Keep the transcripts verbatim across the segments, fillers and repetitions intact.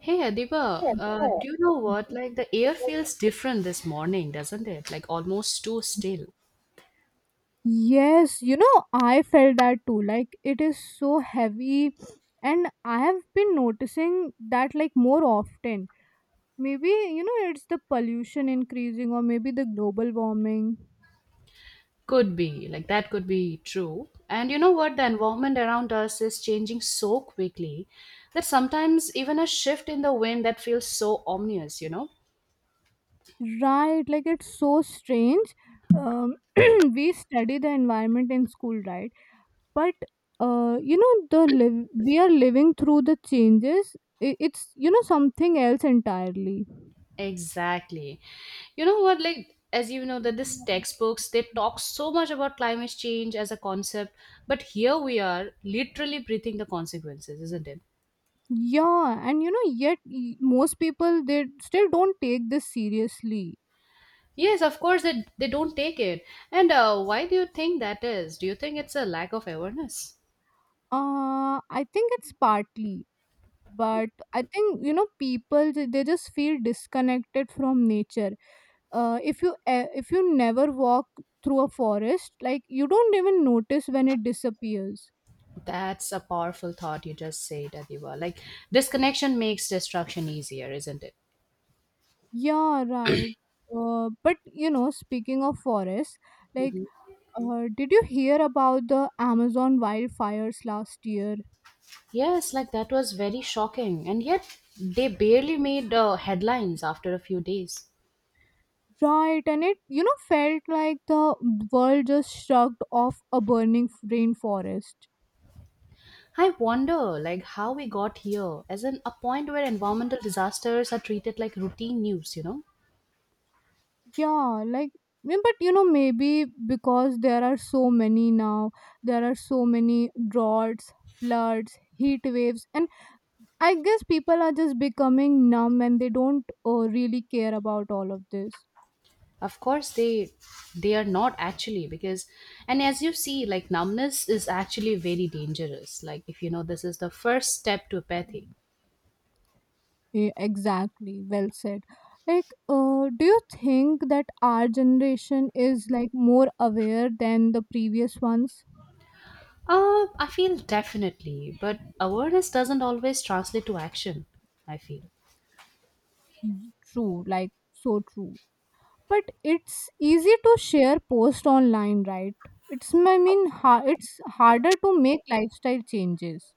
Hey Adiba, uh, do you know what? Like the air feels different this morning, doesn't it? Like almost too still. Yes, you know, I felt that too. Like, it is so heavy, and I have been noticing that like more often. Maybe, you know, it's the pollution increasing, or maybe the global warming. Could be, like that could be true. And you know what? The environment around us is changing so quickly that sometimes even a shift in the wind that feels so ominous, you know? Right, like, it's so strange. Um, we study the environment in school, right? But, uh, you know, the live we are living through the changes. i- It's, you know, something else entirely. Exactly. You know what? Like, as you know, that these textbooks they talk so much about climate change as a concept, but here we are literally breathing the consequences, isn't it? Yeah, and you know, yet y- most people they still don't take this seriously. Yes, of course they, they don't take it. And uh, why do you think that is? Do you think it's a lack of awareness? Uh, I think it's partly, but I think you know, people they they just feel disconnected from nature. Uh, if you e- if you never walk through a forest, like you don't even notice when it disappears. That's a powerful thought you just said, Adiba. Like disconnection makes destruction easier, isn't it? Yeah, right. Uh, but you know, speaking of forests, like, uh, did you hear about the Amazon wildfires last year? Yes, like that was very shocking. And yet they barely made uh, headlines after a few days. Right, and it, you know, felt like the world just shrugged off a burning rainforest. I wonder like how we got here as in a point where environmental disasters are treated like routine news, you know? Yeah, like, yeah, but you know, maybe because there are so many now, there are so many droughts, floods, heat waves, and I guess people are just becoming numb and they don't uh, really care about all of this. Of course they they are not actually, because, and as you see, like numbness is actually very dangerous. Like if you know, this is the first step to apathy. Yeah, exactly, well said. Like, uh, do you think that our generation is like more aware than the previous ones? uh I feel definitely, but awareness doesn't always translate to action, I feel. Mhm. True, like so true. But it's easy to share post online, right? It's I mean, ha- it's harder to make lifestyle changes.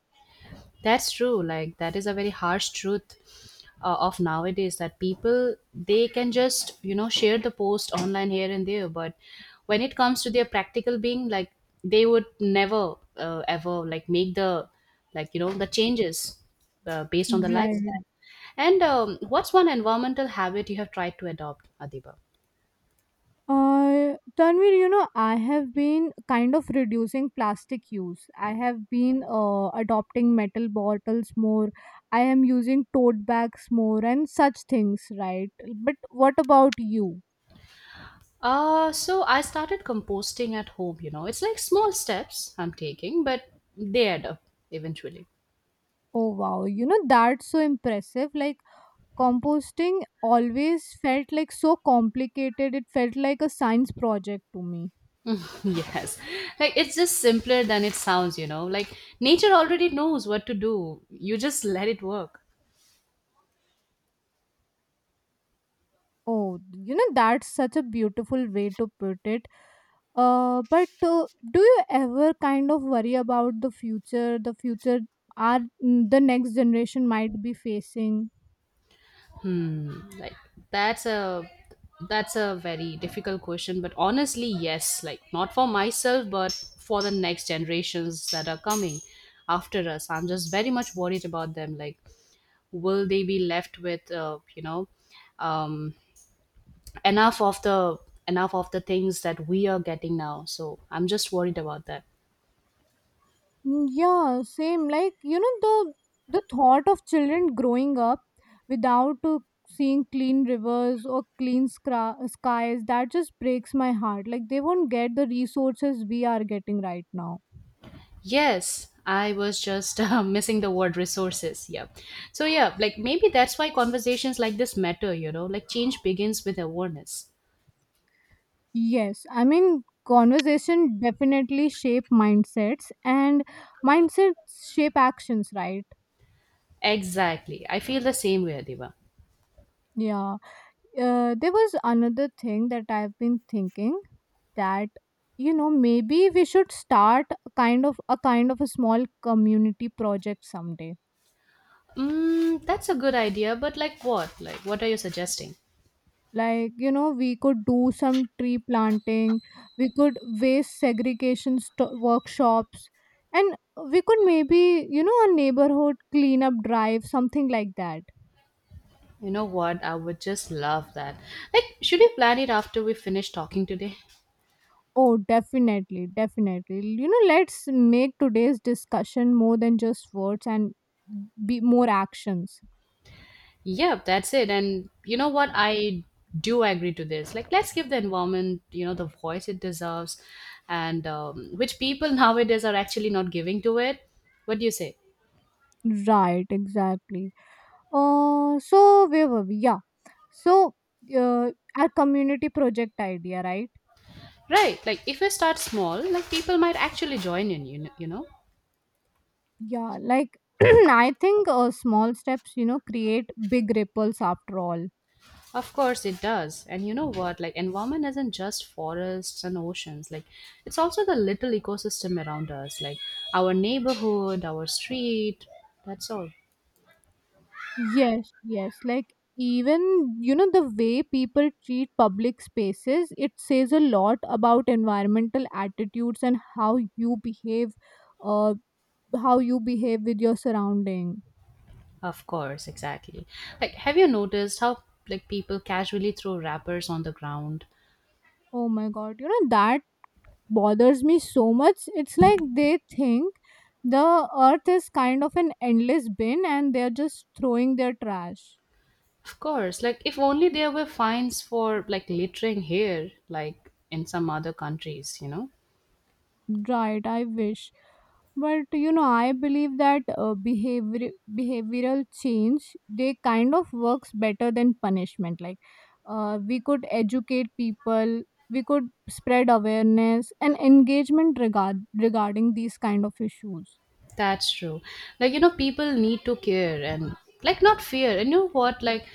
That's true. Like that is a very harsh truth uh, of nowadays, that people they can just you know share the post online here and there, but when it comes to their practical being, like they would never uh, ever like make the like you know the changes uh, based on the lifestyle. Right. And um, what's one environmental habit you have tried to adopt, Adiba? Uh, Tanvir, you know, I have been kind of reducing plastic use. I have been uh, adopting metal bottles more. I am using tote bags more and such things, right? But what about you? Uh, so I started composting at home. You know, it's like small steps I'm taking, but they add up eventually. Oh wow, you know, that's so impressive. Like composting always felt like so complicated. It felt like a science project to me. Yes. Like it's just simpler than it sounds, you know. Like nature already knows what to do. You just let it work. Oh, you know, that's such a beautiful way to put it. Uh, but uh, do you ever kind of worry about the future, the future are the next generation might be facing? Hmm. Like that's a that's a very difficult question, but honestly, yes. Like not for myself, but for the next generations that are coming after us. I'm just very much worried about them. Like will they be left with uh, you know um, enough of the enough of the things that we are getting now. So I'm just worried about that. Mm, yeah, same. Like, you know, the the thought of children growing up without uh, seeing clean rivers or clean scra- skies, that just breaks my heart. Like, they won't get the resources we are getting right now. Yes, I was just uh, missing the word resources. Yeah. So, yeah, like maybe that's why conversations like this matter, you know, like change begins with awareness. Yes, I mean, conversation definitely shape mindsets and mindsets shape actions, right? Exactly. I feel the same way, Adiba. Yeah. Uh, there was another thing that I've been thinking that you know maybe we should start a kind of a kind of a small community project someday, Mm, that's a good idea, but like what? Like, what are you suggesting? like you know we could do some tree planting, we could waste segregation st- workshops, and we could maybe you know a neighborhood cleanup drive, something like that. You know what? I would just love that. Like, should we plan it after we finish talking today? Oh definitely, definitely, you know, let's make today's discussion more than just words and be more actions. Yep, that's it. And you know what? I do agree to this. Like, let's give the environment, you know, the voice it deserves, and um, which people nowadays are actually not giving to it. What do you say? Right, exactly. Uh, so where were we? Yeah. So uh, our community project idea, right? Right. Like, if we start small, like people might actually join in. You know, you know. Yeah, like I think uh, small steps, you know, create big ripples after all. Of course it does. And you know what? Like, environment isn't just forests and oceans. Like, it's also the little ecosystem around us, like our neighborhood, our street. That's all. Yes, yes. Like even you know the way people treat public spaces, it says a lot about environmental attitudes and how you behave, uh, how you behave with your surrounding. Of course, exactly. Like, have you noticed how like people casually throw wrappers on the ground? Oh my god, you know that bothers me so much. It's like they think the earth is kind of an endless bin and they're just throwing their trash. Of course, like if only there were fines for like littering here, like in some other countries, you know? Right, I wish. But you know, I believe that uh, behavior behavioral change they kind of works better than punishment. Like, uh, we could educate people, we could spread awareness and engagement regard regarding these kind of issues. That's true. Like, you know, people need to care and like not fear. And you know what? Like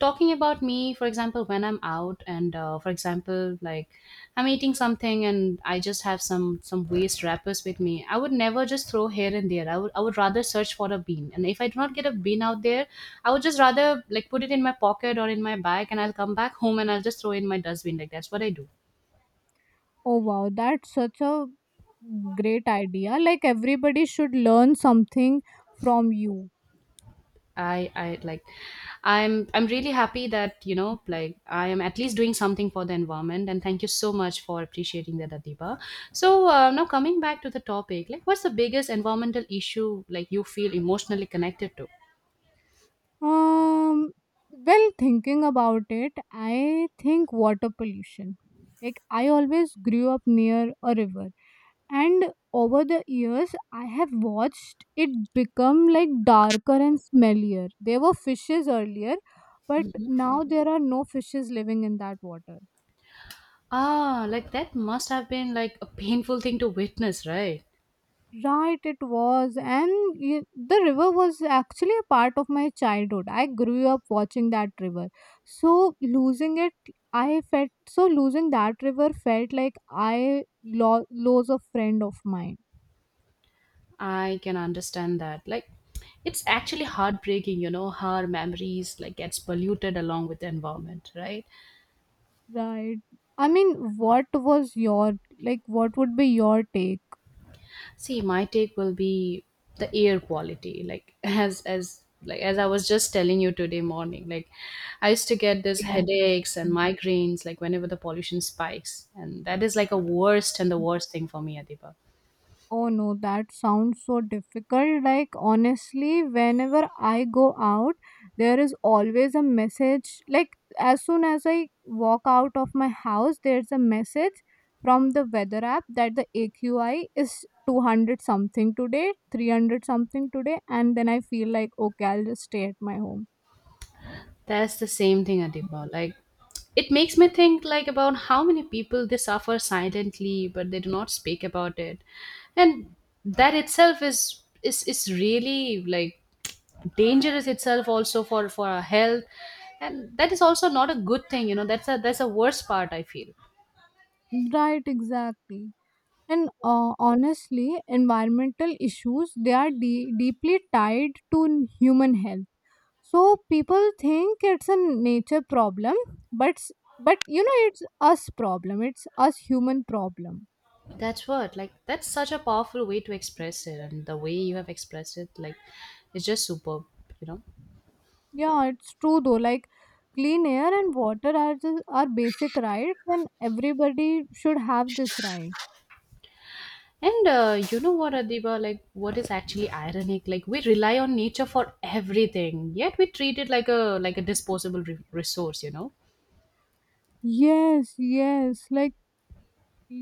talking about me, for example, when I'm out and uh, for example, like I'm eating something and I just have some some waste wrappers with me. I would never just throw here and there. I would I would rather search for a bean. And if I do not get a bean out there, I would just rather like put it in my pocket or in my bag, and I'll come back home and I'll just throw it in my dustbin. Like that's what I do. Oh wow, that's such a great idea. Like everybody should learn something from you. I I like I'm I'm really happy that you know like I am at least doing something for the environment, and thank you so much for appreciating that, Adiba. So uh, now coming back to the topic, like what's the biggest environmental issue like you feel emotionally connected to? Um well thinking about it, I think water pollution. Like I always grew up near a river and over the years I have watched it become like darker and smellier. There were fishes earlier, but now there are no fishes living in that water. Ah, like that must have been like a painful thing to witness, right? Right, it was. And y- the river was actually a part of my childhood. I grew up watching that river. So losing it, I felt so losing that river felt like I lo- lose a friend of mine. I can understand that. Like it's actually heartbreaking, you know, how our memories like gets polluted along with the environment, right? Right. I mean, what was your like? What would be your take? See, my take will be the air quality. Like as as like as I was just telling you today morning, like I used to get this headaches and migraines like whenever the pollution spikes, and that is like a worst and the worst thing for me, Adiba. Oh no, that sounds so difficult. Like, honestly, whenever I go out, there is always a message. Like, as soon as I walk out of my house, there's a message from the weather app that the A Q I is two hundred something today, three hundred something today, and then I feel like, okay, I'll just stay at my home. That's the same thing, Adiba. Like it makes me think like about how many people they suffer silently, but they do not speak about it, and that itself is is is really like dangerous itself also for for our health, and that is also not a good thing. You know, that's a that's a worst part I feel. Right, exactly. And uh, honestly, environmental issues they are de- deeply tied to n- human health, so people think it's a nature problem, but s- but you know it's us problem, it's us human problem. That's what like that's such a powerful way to express it, and the way you have expressed it, like it's just superb, you know. Yeah, it's true though. Like clean air and water are just are basic rights and everybody should have this right. And uh, you know what, Adiba, like what is actually ironic, like we rely on nature for everything, yet we treat it like a like a disposable re- resource, you know. Yes, yes, like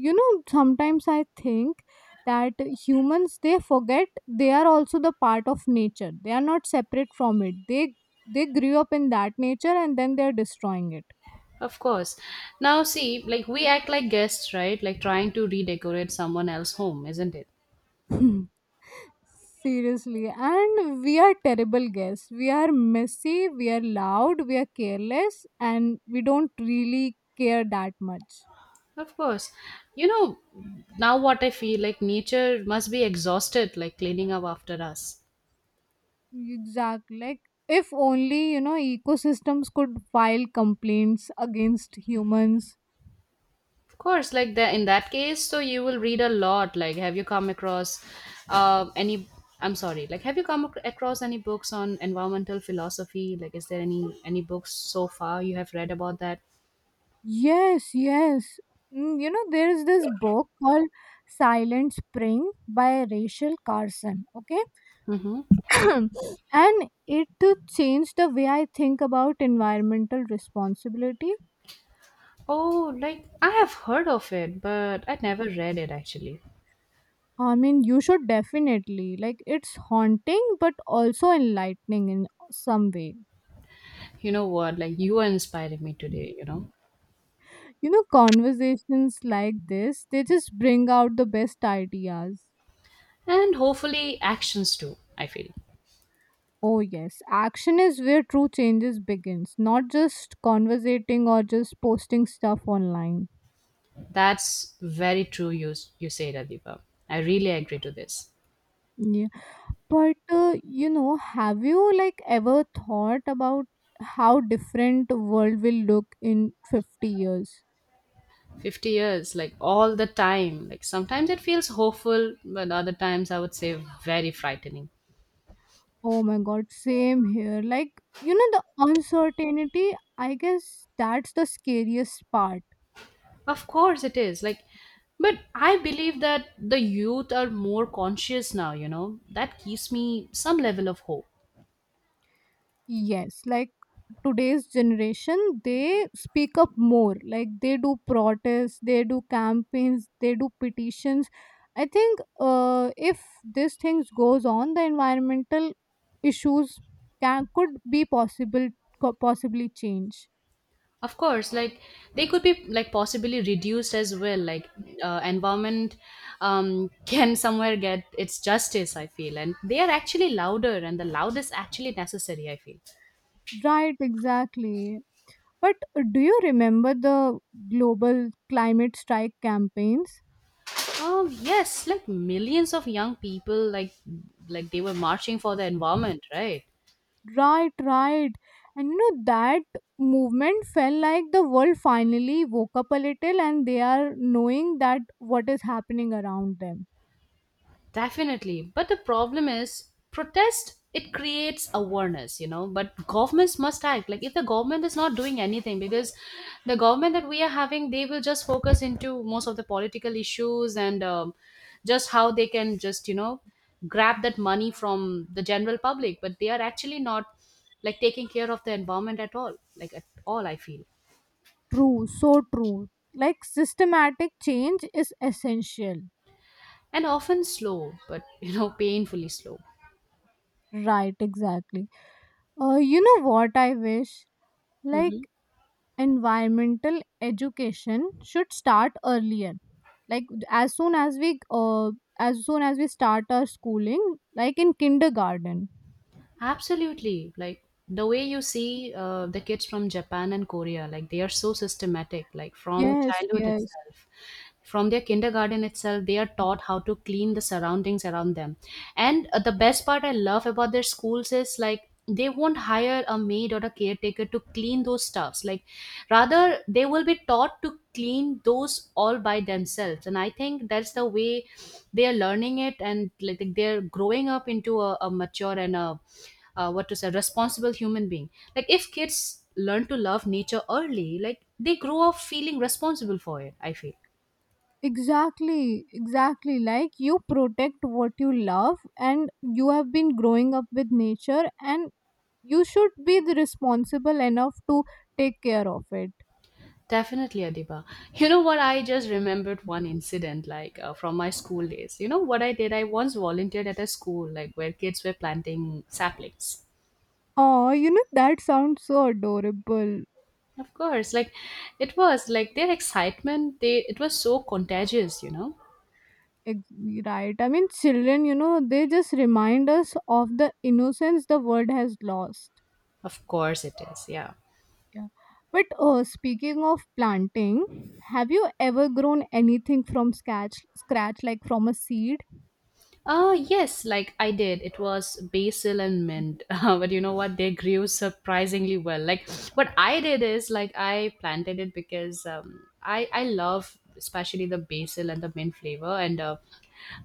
you know sometimes I think that humans they forget they are also the part of nature, they are not separate from it, they they grew up in that nature and then they are destroying it. Of course. Now see, like we act like guests, right? Like trying to redecorate someone else's home, isn't it? Seriously, and we are terrible guests. We are messy, we are loud, we are careless, and we don't really care that much. Of course. You know, now what I feel like, nature must be exhausted, like cleaning up after us. Exactly. Like, if only, you know, ecosystems could file complaints against humans. Of course, like that in that case, so you will read a lot. Like, have you come across uh, any? I'm sorry. Like, have you come ac- across any books on environmental philosophy? Like, is there any any books so far you have read about that? Yes, yes. Mm, you know, there is this book called Silent Spring by Rachel Carson. Okay. Mm-hmm. And it uh, changed the way I think about environmental responsibility. Oh, like I have heard of it, but I never read it actually. I mean, you should definitely like it's haunting but also enlightening in some way. You know what? Like you are inspiring me today. You know, You know conversations like this they just bring out the best ideas. and hopefully actions too. I feel. Oh yes, action is where true changes begins, not just conversating or just posting stuff online. That's very true, you, you say, Radipa. I really agree to this. Yeah. But, uh, you know, have you like ever thought about how different world will look in fifty years? fifty years, like all the time. Like sometimes it feels hopeful, but other times I would say very frightening. Oh my god, same here. Like, you know, the uncertainty, I guess that's the scariest part. Of course it is. Like, but I believe that the youth are more conscious now, you know. That gives me some level of hope. Yes, like today's generation, they speak up more. Like they do protests, they do campaigns, they do petitions. I think uh, if these things goes on, the environmental issues can could be possible co- possibly change. Of course, like they could be like possibly reduced as well. Like uh, environment um, can somewhere get its justice, I feel, and they are actually louder, and the loud is actually necessary, I feel. Right, exactly. But uh, do you remember the global climate strike campaigns? Um, yes, like millions of young people, like like they were marching for the environment, right? Right, right, and you know that movement felt like the world finally woke up a little and they are knowing that what is happening around them. Definitely. But the problem is protest it creates awareness, you know, but governments must act. Like if the government is not doing anything, because the government that we are having, they will just focus into most of the political issues, and um, just how they can just, you know, grab that money from the general public, but they are actually not like taking care of the environment at all, like at all, I feel. True, so true, like systematic change is essential. And often slow, but you know, painfully slow. Right, exactly. Uh, you know what I wish, like Mhm. environmental education should start earlier, like as soon as we uh, as soon as we start our schooling, like in kindergarten. Absolutely. Like the way you see uh, the kids from Japan and Korea, like they are so systematic, like from Yes, childhood yes. itself. From their kindergarten itself, they are taught how to clean the surroundings around them. And uh, the best part I love about their schools is like they won't hire a maid or a caretaker to clean those stuffs, like rather they will be taught to clean those all by themselves, and I think that's the way they are learning it, and like they're growing up into a, a mature and a uh, what to say responsible human being. Like if kids learn to love nature early, like they grow up feeling responsible for it, I feel. Exactly, exactly. Like you protect what you love, and you have been growing up with nature, and you should be the responsible enough to take care of it. Definitely, Adiba. You know what? I just remembered one incident, like uh, from my school days. You know what I did? I once volunteered at a school, like where kids were planting saplings. Oh, you know, that sounds so adorable. Of course, like it was like their excitement. They it was so contagious, you know. Ex- Right. I mean, children, you know, they just remind us of the innocence the world has lost. Of course, it is. Yeah. Yeah. But uh, speaking of planting, have you ever grown anything from scratch, scratch like from a seed? Uh, yes, like I did. It was basil and mint. Uh, but you know what? They grew surprisingly well. Like what I did is like I planted it because um, I I love especially the basil and the mint flavor. And uh,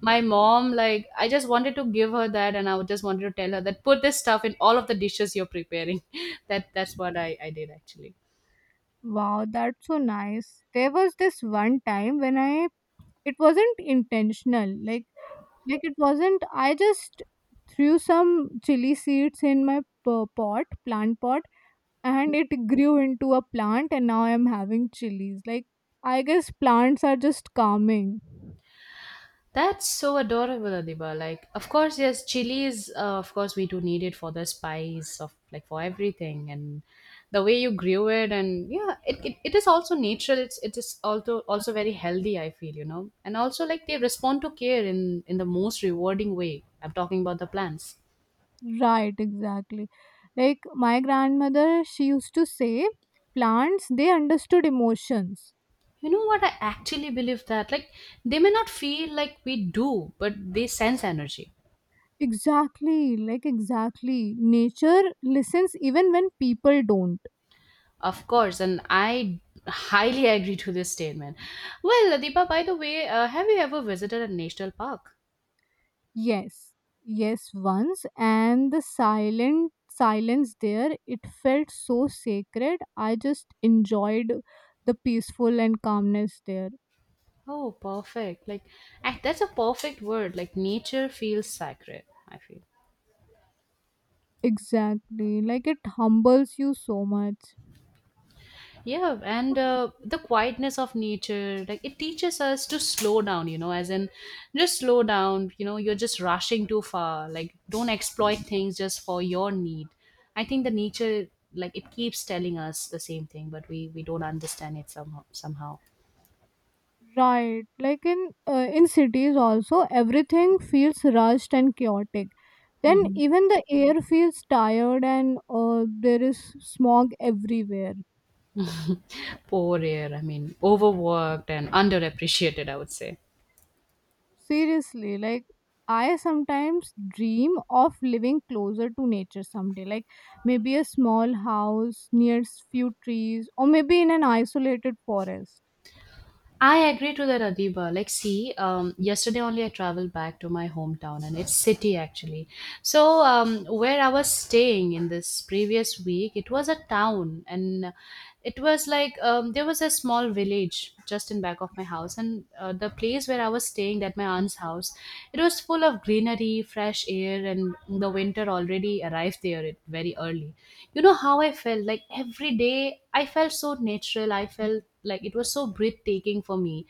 my mom, like I just wanted to give her that, and I just wanted to tell her that put this stuff in all of the dishes you're preparing. That that's what I I did actually. Wow, that's so nice. There was this one time when I it wasn't intentional. Like like it wasn't I just threw some chili seeds in my p- pot, plant pot, and it grew into a plant and now I am having chilies. Like I guess plants are just calming. That's so adorable, Adiba. Like, of course, yes, chilies. Uh, of course, we do need it for the spice of like for everything, and the way you grew it, and yeah, it, it, it is also natural. It's it is also also very healthy, I feel, you know. And also like they respond to care in in the most rewarding way. I'm talking about the plants. Right, exactly. Like my grandmother, she used to say plants they understood emotions. You know what? I actually believe that like they may not feel like we do, but they sense energy. Exactly, like exactly. Nature listens even when people don't. Of course, and I highly agree to this statement. Well, Deepa, by the way, uh, have you ever visited a national park? Yes. Yes, once, and the silent silence there, it felt so sacred. I just enjoyed the peaceful and calmness there. Oh, perfect. Like, ac- that's a perfect word. Like, nature feels sacred, I feel. Exactly. Like it humbles you so much. Yeah, and uh, the quietness of nature, like it teaches us to slow down, you know, as in just slow down, you know, you're just rushing too far. Like, don't exploit things just for your need. I think the nature, like, it keeps telling us the same thing, but we, we don't understand it somehow. somehow. Right. Like in uh, in cities also everything feels rushed and chaotic. Then Hmm. even the air feels tired and uh, there is smog everywhere. Poor air, I mean, overworked and underappreciated, I would say. Seriously, like I sometimes dream of living closer to nature someday, like maybe a small house near s- few trees or maybe in an isolated forest. I agree to that, Adiba. Like, see, um, yesterday only I traveled back to my hometown, and its city actually. So, um, where I was staying in this previous week, it was a town, and it was like um, there was a small village just in back of my house, and uh, the place place where I was staying at my aunt's house, it was full of greenery, fresh air, and the winter already arrived there it- very early. You know how I felt? Like every day, I felt so natural. I felt like it was so breathtaking for me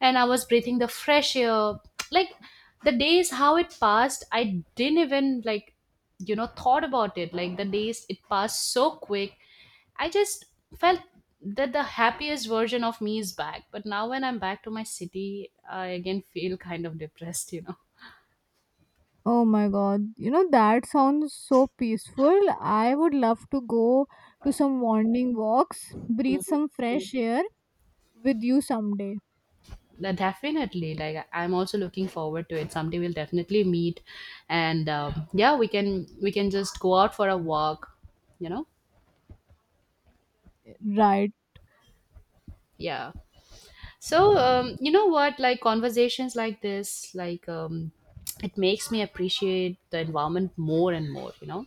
and I was breathing the fresh air. Like the days, how it passed, I didn't even like, you know, thought about it. Like the days, it passed so quick. I just felt that the happiest version of me is back. But now when I'm back to my city, I again feel kind of depressed, you know. Oh my god, you know that sounds so peaceful. I would love to go to some wandering walks, breathe some fresh air with you someday. That definitely, like, I- I'm also looking forward to it. Someday we'll definitely meet, and um, yeah, we can we can just go out for a walk, you know. Right. Yeah. So, um, you know what? Like conversations like this, like um, it makes me appreciate the environment more and more, you know.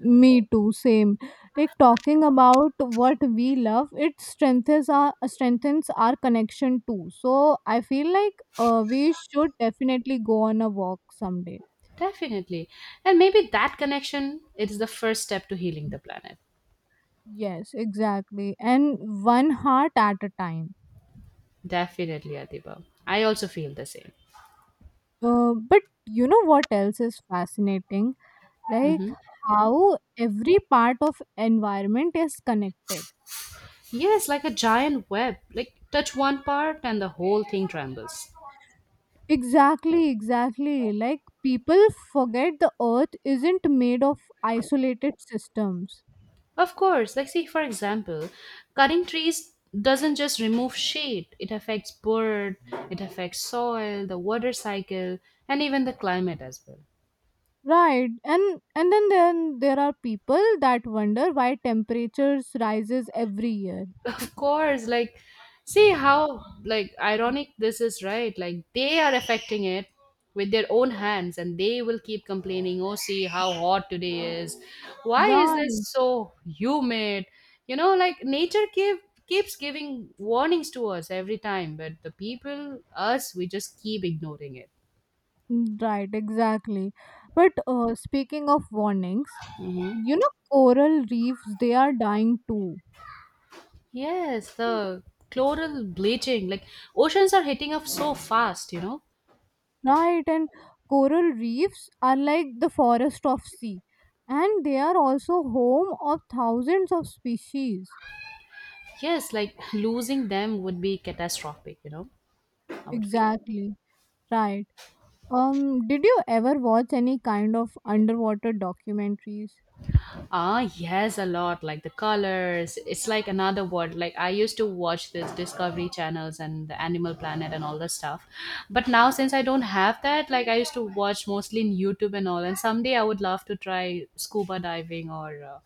Me too, same. Like talking about what we love, it strengthens our strengthens our connection too. So I feel like uh, we should definitely go on a walk someday. Definitely, and maybe that connection, it is the first step to healing the planet. Yes, exactly. And one heart at a time. Definitely, Adiba. I also feel the same. Uh, but you know what else is fascinating? Like Hmm. how every part of environment is connected. Yes, like a giant web. Like touch one part and the whole thing trembles. Exactly, exactly. Like people forget the earth isn't made of isolated systems. Of course, like see for example, cutting trees doesn't just remove shade, it affects bird, it affects soil, the water cycle, and even the climate as well. Right. And and then, then there are people that wonder why temperatures rises every year. Course, like see how like ironic this is, right? Like they are affecting it with their own hands and they will keep complaining, oh, see how hot today is, why is this Right. so humid, you know. Like nature keep, keeps giving warnings to us every time, but the people, us, we just keep ignoring it. Mm, right, exactly. But uh, speaking of warnings, Hmm. you know coral reefs they are dying too. Yes, the chloral bleaching, like oceans are hitting up so fast, you know. Right, and coral reefs are like the forest of sea, and they are also home of thousands of species. Yes, like losing them would be catastrophic, you know, I would feel. Exactly. Right. Um did you ever watch any kind of underwater documentaries? Ah, yes, a lot. Like the colors. It's like another world. Like I used to watch this Discovery channels and the Animal Planet and all the stuff. But now since I don't have that, like I used to watch mostly in YouTube and all. And someday I would love to try scuba diving, or uh,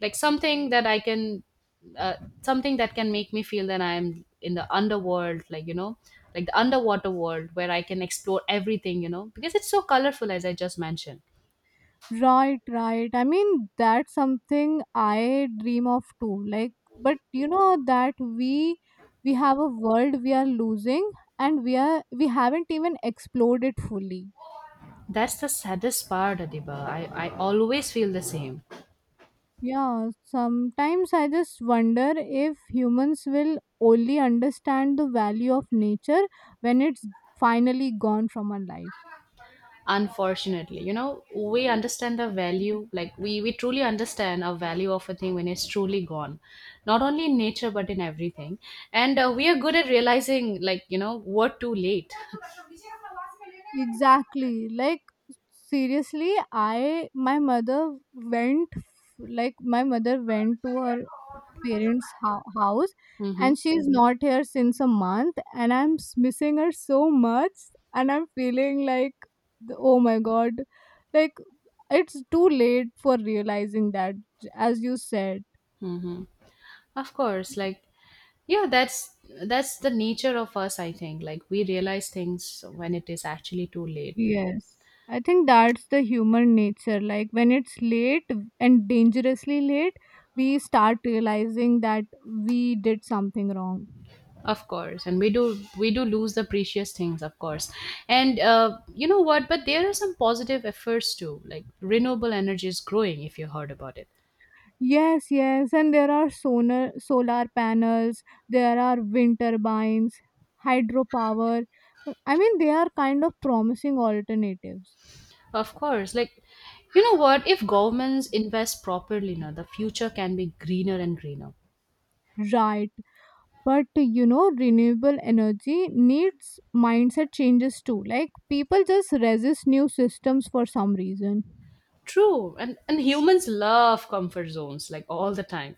like something that I can, uh, something that can make me feel that I'm in the underworld. Like you know, like the underwater world where I can explore everything. You know, because it's so colorful as I just mentioned. Right, right, I mean that's something I dream of too, like but you know that we we have a world we are losing and we are we haven't even explored it fully. That's the saddest part, Adiba. I, I always feel the same. Yeah, sometimes I just wonder if humans will only understand the value of nature when it's finally gone from our life. Unfortunately, you know, we understand the value, like we, we truly understand a value of a thing when it's truly gone, not only in nature, but in everything. And uh, we are good at realizing, like, you know, what, too late. Exactly. Like seriously, I my mother went, like my mother went to her parents' ho- house, Mm-hmm. and she's Mhm. not here since a month and I'm s- missing her so much and I'm feeling like the, oh my god. Like it's too late for realizing that, j- as you said. Mm-hmm. Of course, like, yeah, that's that's the nature of us, I think. Like, we realize things when it is actually too late. Yes. I think that's the human nature. Like when it's late and dangerously late, we start realizing that we did something wrong. Of course, and we do we do lose the precious things, of course. And uh, you know what? But there are some positive efforts too. Like renewable energy is growing, if you heard about it. Yes, yes. And there are solar solar panels, there are wind turbines, hydropower. I mean, they are kind of promising alternatives. Of course. Like you know what? If governments invest properly, now the future can be greener and greener. Right. But you know renewable energy needs mindset changes too, like people just resist new systems for some reason. True, and and humans love comfort zones, like all the time.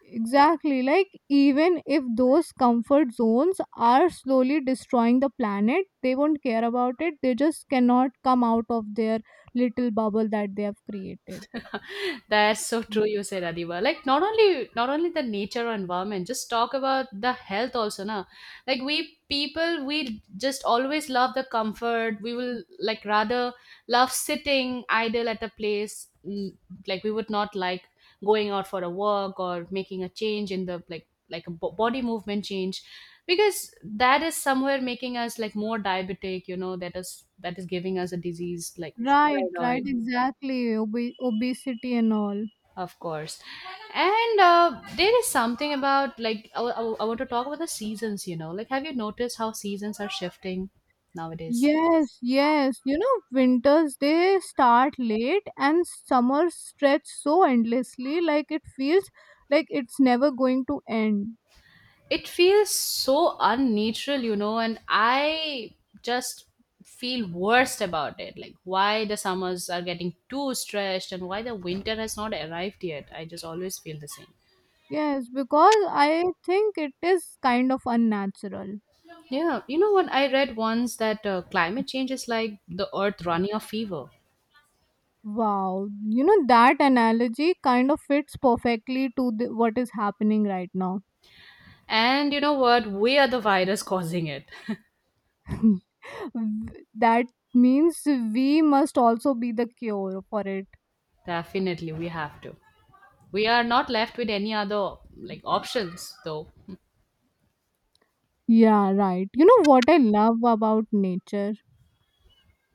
Exactly, like even if those comfort zones are slowly destroying the planet, they won't care about it, they just cannot come out of their little bubble that they have created. That's so true you said, Adiba. Like not only not only the nature or environment, just talk about the health also na. Like we people, we just always love the comfort. We will like rather love sitting idle at a place. Mm. Like we would not like going out for a walk or making a change in the like like a bo- body movement change, because that is somewhere making us like more diabetic, you know. That is that is giving us a disease like Right, thyroid, right, exactly. Obe- obesity and all. of course. And uh, there is something about, like, I, I, I want to talk about the seasons, you know. Like, have you noticed how seasons are shifting nowadays? Yes, yes. You know, winters they start late and summers stretch so endlessly, like it feels like it's never going to end. It feels so unnatural, you know, and I just feel worst about it. Like, why the summers are getting too stretched and why the winter has not arrived yet. I just always feel the same. Yes, because I think it is kind of unnatural. Yeah, you know what? I read once that uh, climate change is like the earth running a fever. Wow, you know, that analogy kind of fits perfectly to the, what is happening right now. And you know what? We are the virus causing it. W- that means we must also be the cure for it. Definitely, we have to. We are not left with any other like options though. Yeah, right. You know what I love about nature?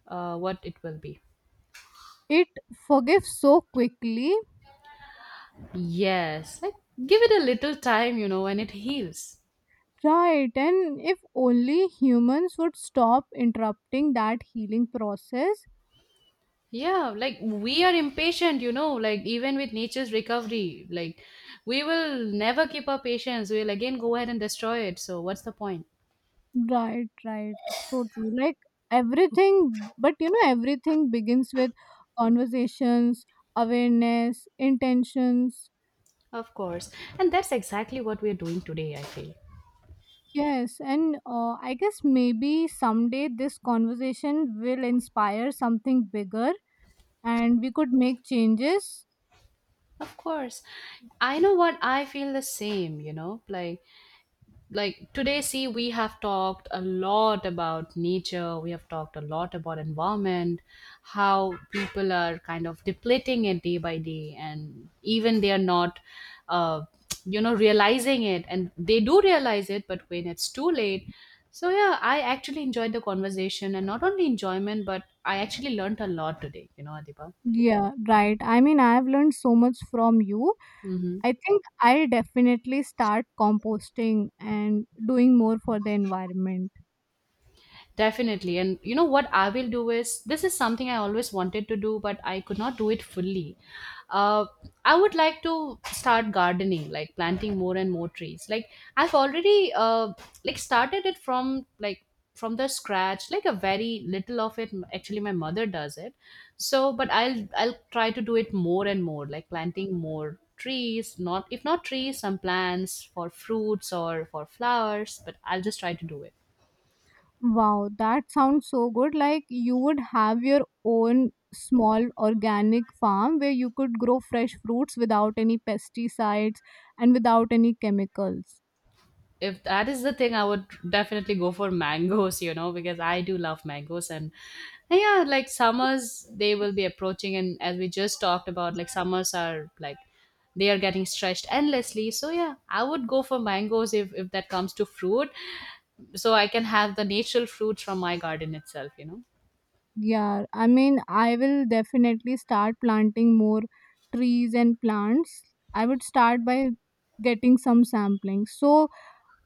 Uh, what it will be? It forgives so quickly. Yes, like give it a little time, you know, and it heals. Right, and if only humans would stop interrupting that healing process. Yeah, like we are impatient, you know, like even with nature's recovery, like we will never keep our patience. We'll again go ahead and destroy it. So what's the point? Right, right. So true. Like everything, but you know, everything begins with conversations, awareness, intentions. Of course. And that's exactly what we're doing today, I feel. Yes, and uh, I guess maybe someday this conversation will inspire something bigger and we could make changes. Of course. I know what, I feel the same, you know, like like today, see we have talked a lot about nature, we have talked a lot about environment, how people are kind of depleting it day by day, and even they are not uh, you know realizing it. And they do realize it, but when it's too late. So yeah, I actually enjoyed the conversation, and not only enjoyment, but I actually learned a lot today, you know, Adipa. Yeah, right. I mean, I have learned so much from you. Mm-hmm. I think I'll definitely start composting and doing more for the environment. Definitely. And you know what I will do is this is something I always wanted to do, but I could not do it fully. Uh, I would like to start gardening, like planting more and more trees. Like I've already uh, like started it from like from the scratch, like a very little of it. Actually, my mother does it. So, but I'll I'll try to do it more and more, like planting more trees. Not if not trees, some plants for fruits or for flowers. But I'll just try to do it. Wow, that sounds so good. Like you would have your own small organic farm where you could grow fresh fruits without any pesticides and without any chemicals. If that is the thing, I would definitely go for mangoes, you know, because I do love mangoes. And yeah, like summers, they will be approaching, and as we just talked about, like summers are like they are getting stretched endlessly. So yeah, I would go for mangoes. If if that comes to fruit, so I can have the natural fruits from my garden itself, you know. Yeah, I mean, I will definitely start planting more trees and plants. I would start by getting some sampling. So,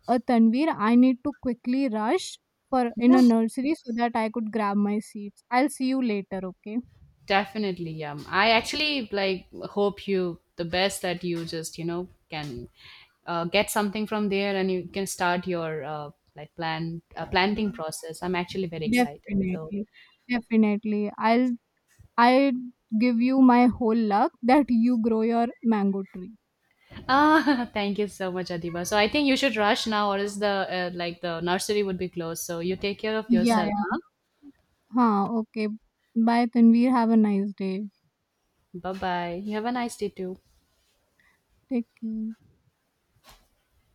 "Uh, Tanvir, I need to quickly rush for in Yeah. a nursery so that I could grab my seeds. I'll see you later, okay?" Definitely, yeah. I actually like hope you the best that you just you know can uh, get something from there and you can start your uh, like plan uh, planting Mm. process. I'm actually very excited. So, Definitely, definitely. I'll I give you my whole luck that you grow your mango tree. ah, thank you so much, Adiba. So I think you should rush now, or else the uh, like the nursery would be closed. So you take care of Yeah, yourself, huh? yeah. Huh, okay. Bye, Tanvir. Have a nice day. Bye bye. You have a nice day too. Take care.